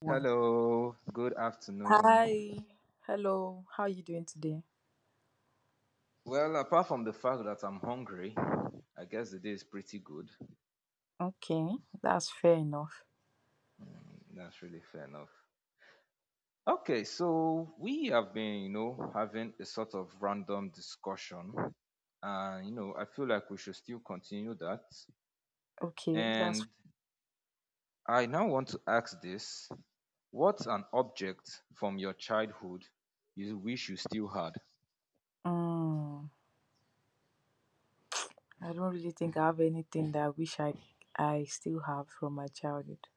One. Hello, good afternoon. Hi. Hello. How are you doing today? Well, apart from the fact that I'm hungry, I guess the day is pretty good. Okay, that's fair enough. That's really fair enough. Okay, so we have been, you know, having a sort of random discussion. And, you know, I feel like we should still continue that. Okay, that's And I now want to ask this: What's an object from your childhood you wish you still had? mm, I don't really think I have anything that I wish I still have from my childhood.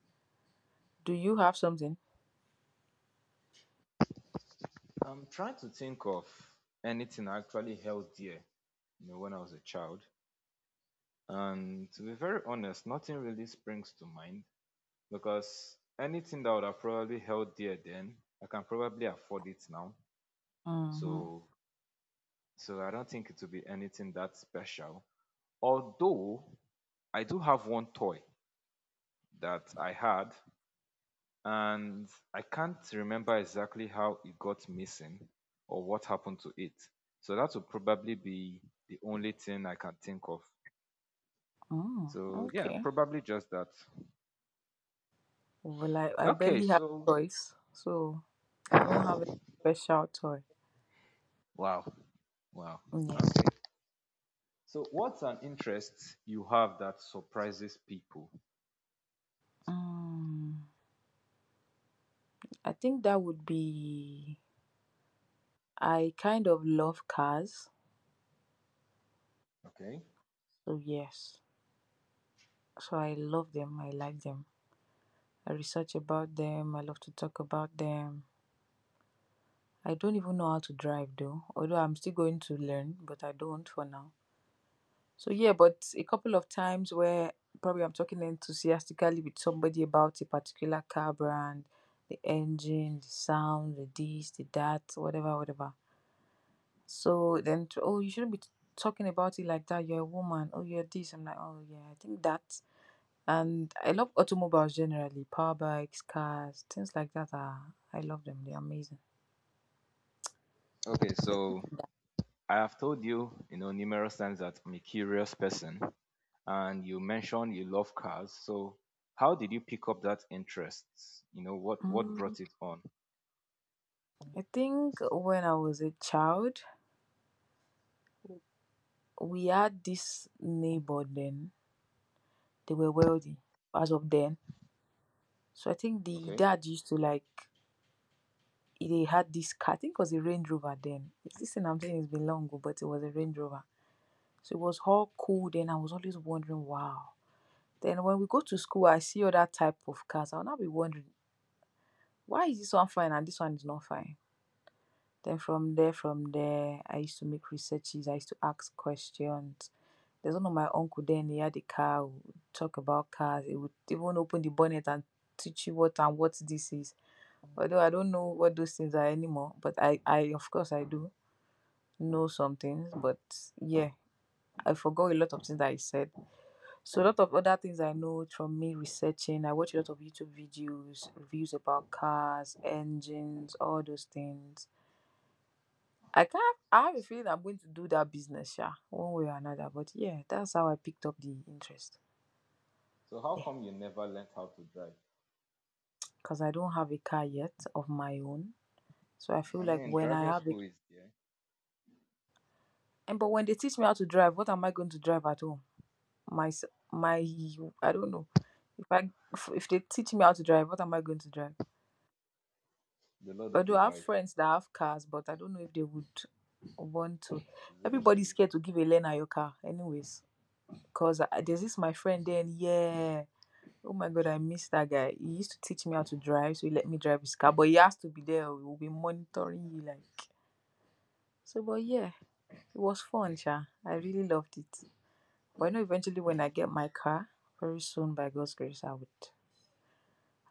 Do you have something? I'm trying to think of anything I actually held dear, you know, when I was a child. And to be very honest, nothing really springs to mind because anything that would have probably held dear then, I can probably afford it now. Mm-hmm. So so I don't think it will be anything that special. Although I do have one toy that I had and I can't remember exactly how it got missing or what happened to it. So that would probably be the only thing I can think of. Mm, So yeah, okay. probably just that. Well, I Okay, barely have so toys, so I don't have a special toy. wow. Wow. Yeah. So, what's an interest you have that surprises people? Mm, I think that would be, I kind of love cars. Okay. So yes. So I love them. I like them. I research about them. I love to talk about them. I don't even know how to drive though, although I'm still going to learn, but I don't for now. So yeah, but a couple of times where probably I'm talking enthusiastically with somebody about a particular car brand, the engine, the sound, the this, the that, whatever, whatever. So then, to, oh, you shouldn't be talking about it like that. You're a woman. Oh, you're this. I'm like, oh yeah, I think that. And I love automobiles generally, power bikes, cars, things like that are, I love them. They're amazing. Okay. So. So, I have told you, you know, numerous times that I'm a curious person, and you mentioned you love cars. So, how did you pick up that interest? You know, what Mm. brought it on? I think when I was a child, we had this neighbor then. They were wealthy as of then. So I think the Okay. dad used to like, they had this car. I think it was a Range Rover then. It's this thing, I'm saying it's been long ago, but it was a Range Rover. So it was all cool then. I was always wondering, wow. Then when we go to school, I see other type of cars. I'll now be wondering, why is this one fine and this one is not fine? Then from there, I used to make researches. I used to ask questions. There's one of my uncle then, he had a car, would talk about cars. He would even open the bonnet and teach you what and what this is. Although I don't know what those things are anymore, but I, of course I do know some things, but yeah, I forgot a lot of things that I said. So a lot of other things I know from me researching. I watch a lot of YouTube videos, reviews about cars, engines, all those things. I can't. I have a feeling I'm going to do that business, yeah, one way or another. But yeah, that's how I picked up the interest. So, how Yeah, come you never learned how to drive? because I don't have a car yet of my own, so I feel I like mean, when driving I have school it, is there. and but when they teach me how to drive, what am I going to drive at home? My s- my, I don't know. If I if they teach me how to drive, what am I going to drive? The Lord will Although I have provide friends that have cars, but I don't know if they would want to. Everybody's willingly. scared to give a learner your car, anyways. There's this my friend then, yeah. Oh my God, I miss that guy. He used to teach me how to drive, so he let me drive his car. But he has to be there. Oh, he'll be monitoring you, like so. But yeah, it was fun, Sha. I really loved it. But I know eventually You when I know. get my car, very soon by God's grace,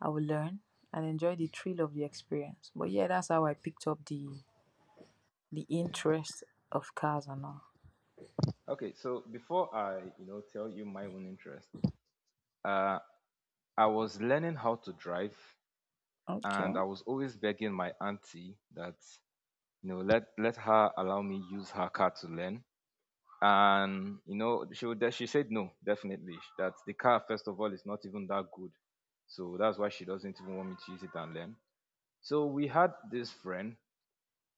I will learn and enjoy the thrill of the experience. But yeah, that's how I picked up the Yeah. interest of cars and all. Okay. So, before I, you know, tell you my own interest, uh, I was learning how to drive Okay. and I was always begging my auntie that, you know, let her allow me use her car to learn. And you know she would, she said no, definitely that the car first of all is not even that good. So that's why she doesn't even want me to use it and learn. So we had this friend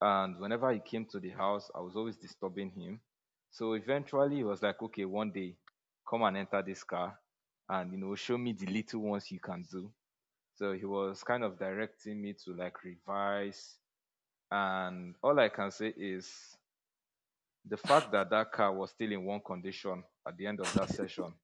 and whenever he came to the house, I was always disturbing him. So eventually he was like, "Okay, one day come and enter this car and you know show me the little ones you can do." So he was kind of directing me to like revise. And all I can say is the fact that that car was still in one condition at the end of that session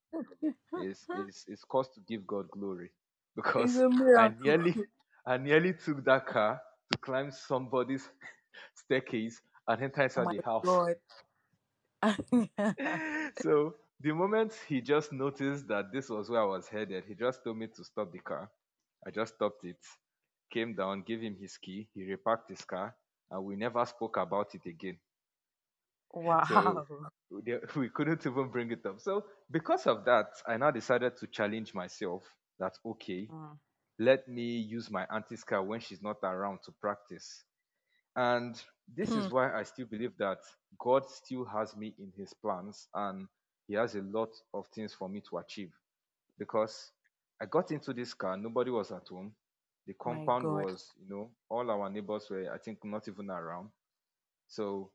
is Huh? is is cause to give God glory It's because a I miracle. nearly I nearly took that car to climb somebody's staircase and enter Oh inside my the house. God. So the moment he just noticed that this was where I was headed, he just told me to stop the car. I just stopped it, came down, gave him his key, he reparked his car, and we never spoke about it again. So Wow. we we couldn't even bring it up. So because of that, I now decided to challenge myself that okay, Mm. let me use my auntie's car when she's not around to practice. And this Hmm. is why I still believe that God still has me in his plans and he has a lot of things for me to achieve because I got into this car, nobody was at home. The My compound God. was, you know, all our neighbors were, I think, not even around. So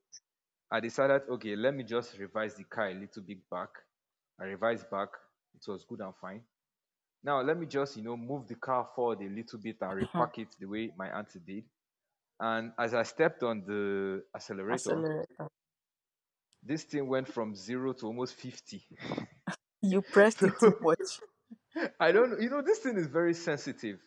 I decided, okay, let me just revise the car a little bit back. I revised back. It was good and fine. Now let me just, you know, move the car forward a little bit and repack it the way my auntie did. And as I stepped on the accelerator, Accelerator. this thing went from zero to almost 50. You pressed it too So much. I don't know. You know, this thing is very sensitive.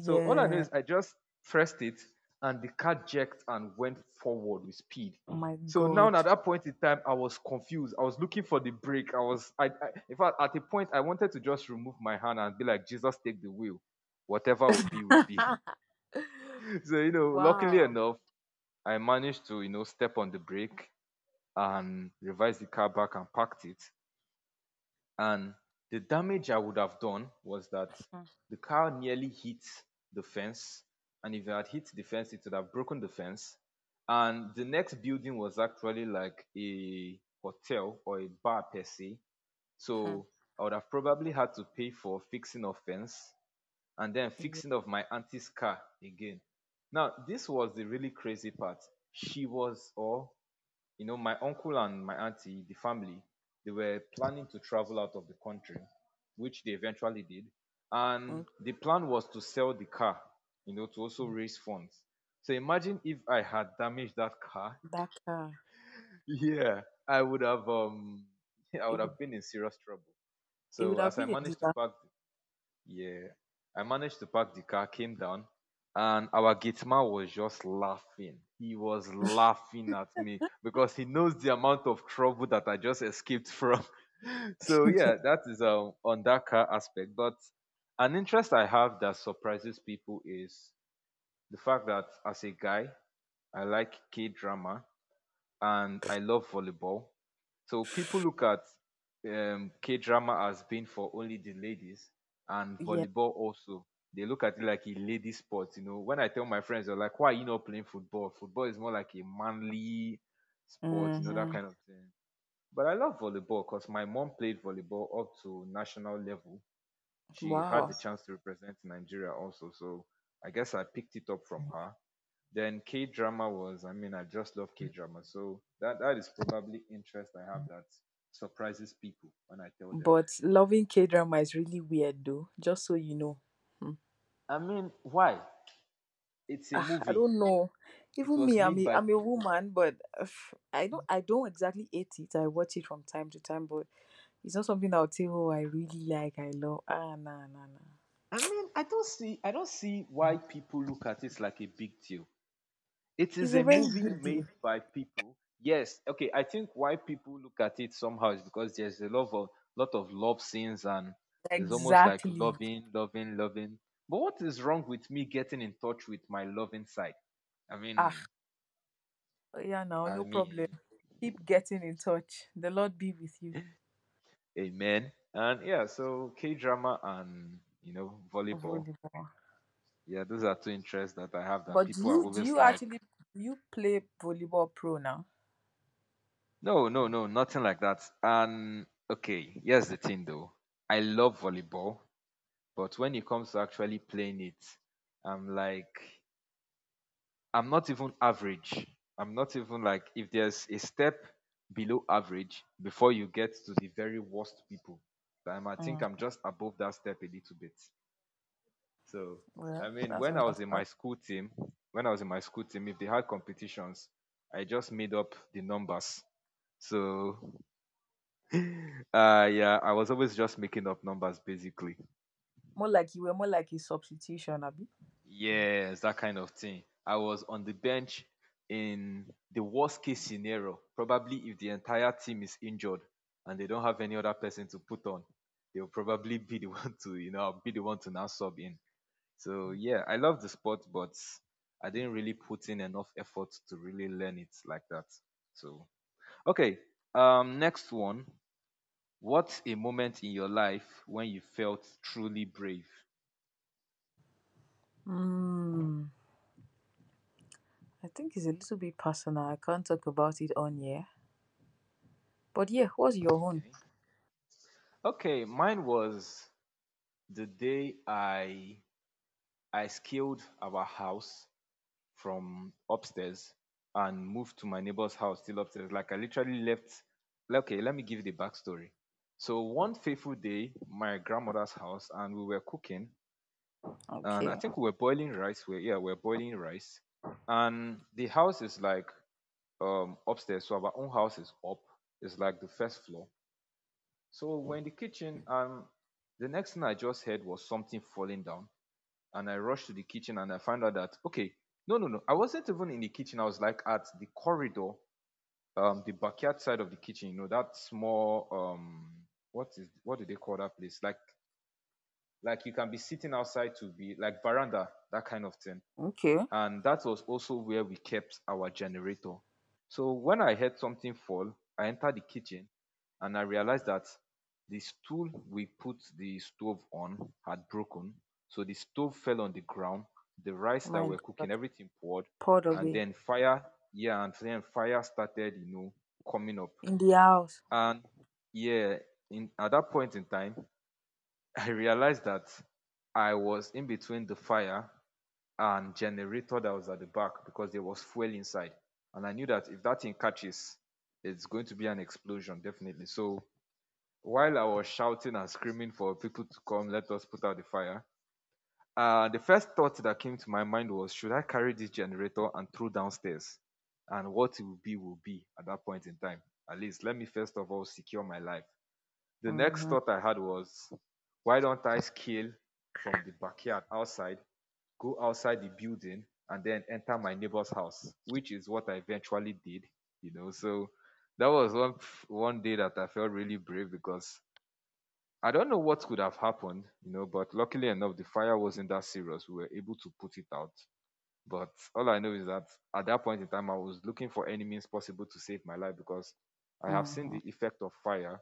So all I know is I just pressed it and the car jerked and went forward with speed. Oh my So now God. at that point in time, I was confused. I was looking for the brake. I in fact, at a point, I wanted to just remove my hand and be like, Jesus, take the wheel. Whatever will be, will be. So, you know, luckily Wow. enough, I managed to, you know, step on the brake and revised the car back and parked it, and the damage I would have done was that the car nearly hit the fence, and if it had hit the fence, it would have broken the fence. And the next building was actually like a hotel or a bar per se, Mhm. so I would have probably had to pay for fixing of fence and then Yeah. fixing of my auntie's car again. Now, this was the really crazy part. She was, or you know my uncle and my auntie, the family, they were planning to travel out of the country, which they eventually did, and mm, the plan was to sell the car, you know, to also raise funds. So imagine if I had damaged that car. That car. Yeah, I would have I It would would have been in serious trouble. it would So have as I been a managed to disaster. park, yeah. I managed to park the car, came down, and our gate man was just laughing. He was laughing at me because he knows the amount of trouble that I just escaped from. So yeah, that is on that car aspect. But an interest I have that surprises people is the fact that as a guy, I like K drama and I love volleyball. So people look at K drama as being for only the ladies, and Yeah. volleyball also. They look at it like a lady sport. You know, when I tell my friends, they're like, why are you not playing football? Football is more like a manly sport, you know, that Hmm. kind of thing. But I love volleyball because my mom played volleyball up to national level. She had the Wow. chance to represent Nigeria also. So I guess I picked it up from her. Then K drama was, I mean, I just love K drama. So that is probably interest I have that surprises people when I tell them. But loving K drama is really weird though, just so you know. Mm. I mean, why? It's a Ah, I movie. don't know. It Even was me, I'm made a, by I'm a people. woman, but I don't exactly hate it. I watch it from time to time, but it's not something that I'll say, oh, I really like, I love. Ah, nah, nah, nah. I mean, I don't see why people look at it like a big deal. It It's is a a very movie good deal. made by people. Yes, okay. I think why people look at it somehow is because there's a lot of love scenes, and it's almost like Exactly. loving, loving, loving. But what is wrong with me getting in touch with my loving side? I Ah, mean, yeah, now, I no problem. mean, Keep getting in touch. The Lord be with you. amen. And yeah, so K drama and you know volleyball. Volleyball. Yeah, those are two interests that I have that But do people are you do always you like, actually, do you play volleyball pro now? no, no, no, nothing like that. And okay, here's the thing though. I love volleyball. But when it comes to actually playing it, I'm like, I'm not even average. I'm not even like, if there's a step below average before you get to the very worst people, I'm. I think Mm, I'm just above that step a little bit. So, I well, mean, that's when I was in my understand. school team, when I was in my school team, if they had competitions, I just made up the numbers. So, yeah, I was always just making up numbers basically. More like you were, more like a substitution, Abby. Yes, that kind of thing. I was on the bench in the worst case scenario. Probably if the entire team is injured and they don't have any other person to put on, they'll probably be the one to, you know, be the one to now sub in. So yeah, I love the sport, but I didn't really put in enough effort to really learn it like that. So okay. Um, next one. What's a moment in your life when you felt truly brave? Mm, I think it's a little bit personal. I can't talk about it on here. But yeah, what's your own? Okay. Okay, mine was the day I scaled our house from upstairs and moved to my neighbor's house still upstairs, like I literally left. Like, okay, let me give you the backstory. So one fateful day, my grandmother's house, and we were cooking, and I Okay, think we were boiling rice. We yeah, we we're boiling rice, and the house is like upstairs, so our own house is up. It's like the first floor. So we're in the kitchen, and the next thing I just heard was something falling down, and I rushed to the kitchen and I found out that okay, no, no, no, I wasn't even in the kitchen. I was like at the corridor, the backyard side of the kitchen. You know that small what is what do they call that place? Like you can be sitting outside, to be like veranda, that kind of thing, okay. and that was also where we kept our generator. So when I heard something fall, I entered the kitchen and I realized that the stool we put the stove on had broken. So the stove fell on the ground, the rice that My we're cooking, God, everything poured, poured and away. then fire, yeah, and then fire started, you know, coming up. In the house. And yeah, in at that point in time, I realized that I was in between the fire and generator that was at the back because there was fuel inside. And I knew that if that thing catches, it's going to be an explosion, definitely. So while I was shouting and screaming for people to come, let us put out the fire, the first thought that came to my mind was, should I carry this generator and throw downstairs? And what it will be at that point in time. At least let me first of all secure my life. The next Mm-hmm, thought I had was, why don't I scale from the backyard outside, go outside the building and then enter my neighbor's house, which is what I eventually did, you know. So that was one day that I felt really brave because I don't know what could have happened, you know, but luckily enough the fire wasn't that serious. We were able to put it out. But all I know is that at that point in time I was looking for any means possible to save my life, because I have seen mm-hmm, the effect of fire.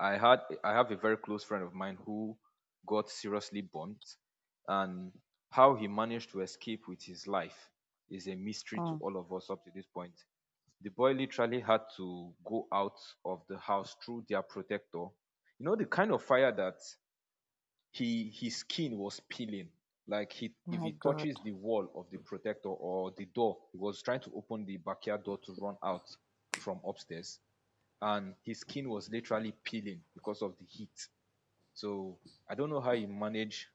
I have a very close friend of mine who got seriously burnt, and how he managed to escape with his life is a mystery to oh all of us up to this point. The boy literally had to go out of the house through their protector. You know the kind of fire that he his skin was peeling. Like he, if my he God. touches the wall of the protector or the door, he was trying to open the backyard door to run out from upstairs, and his skin was literally peeling because of the heat. So I don't know how you manage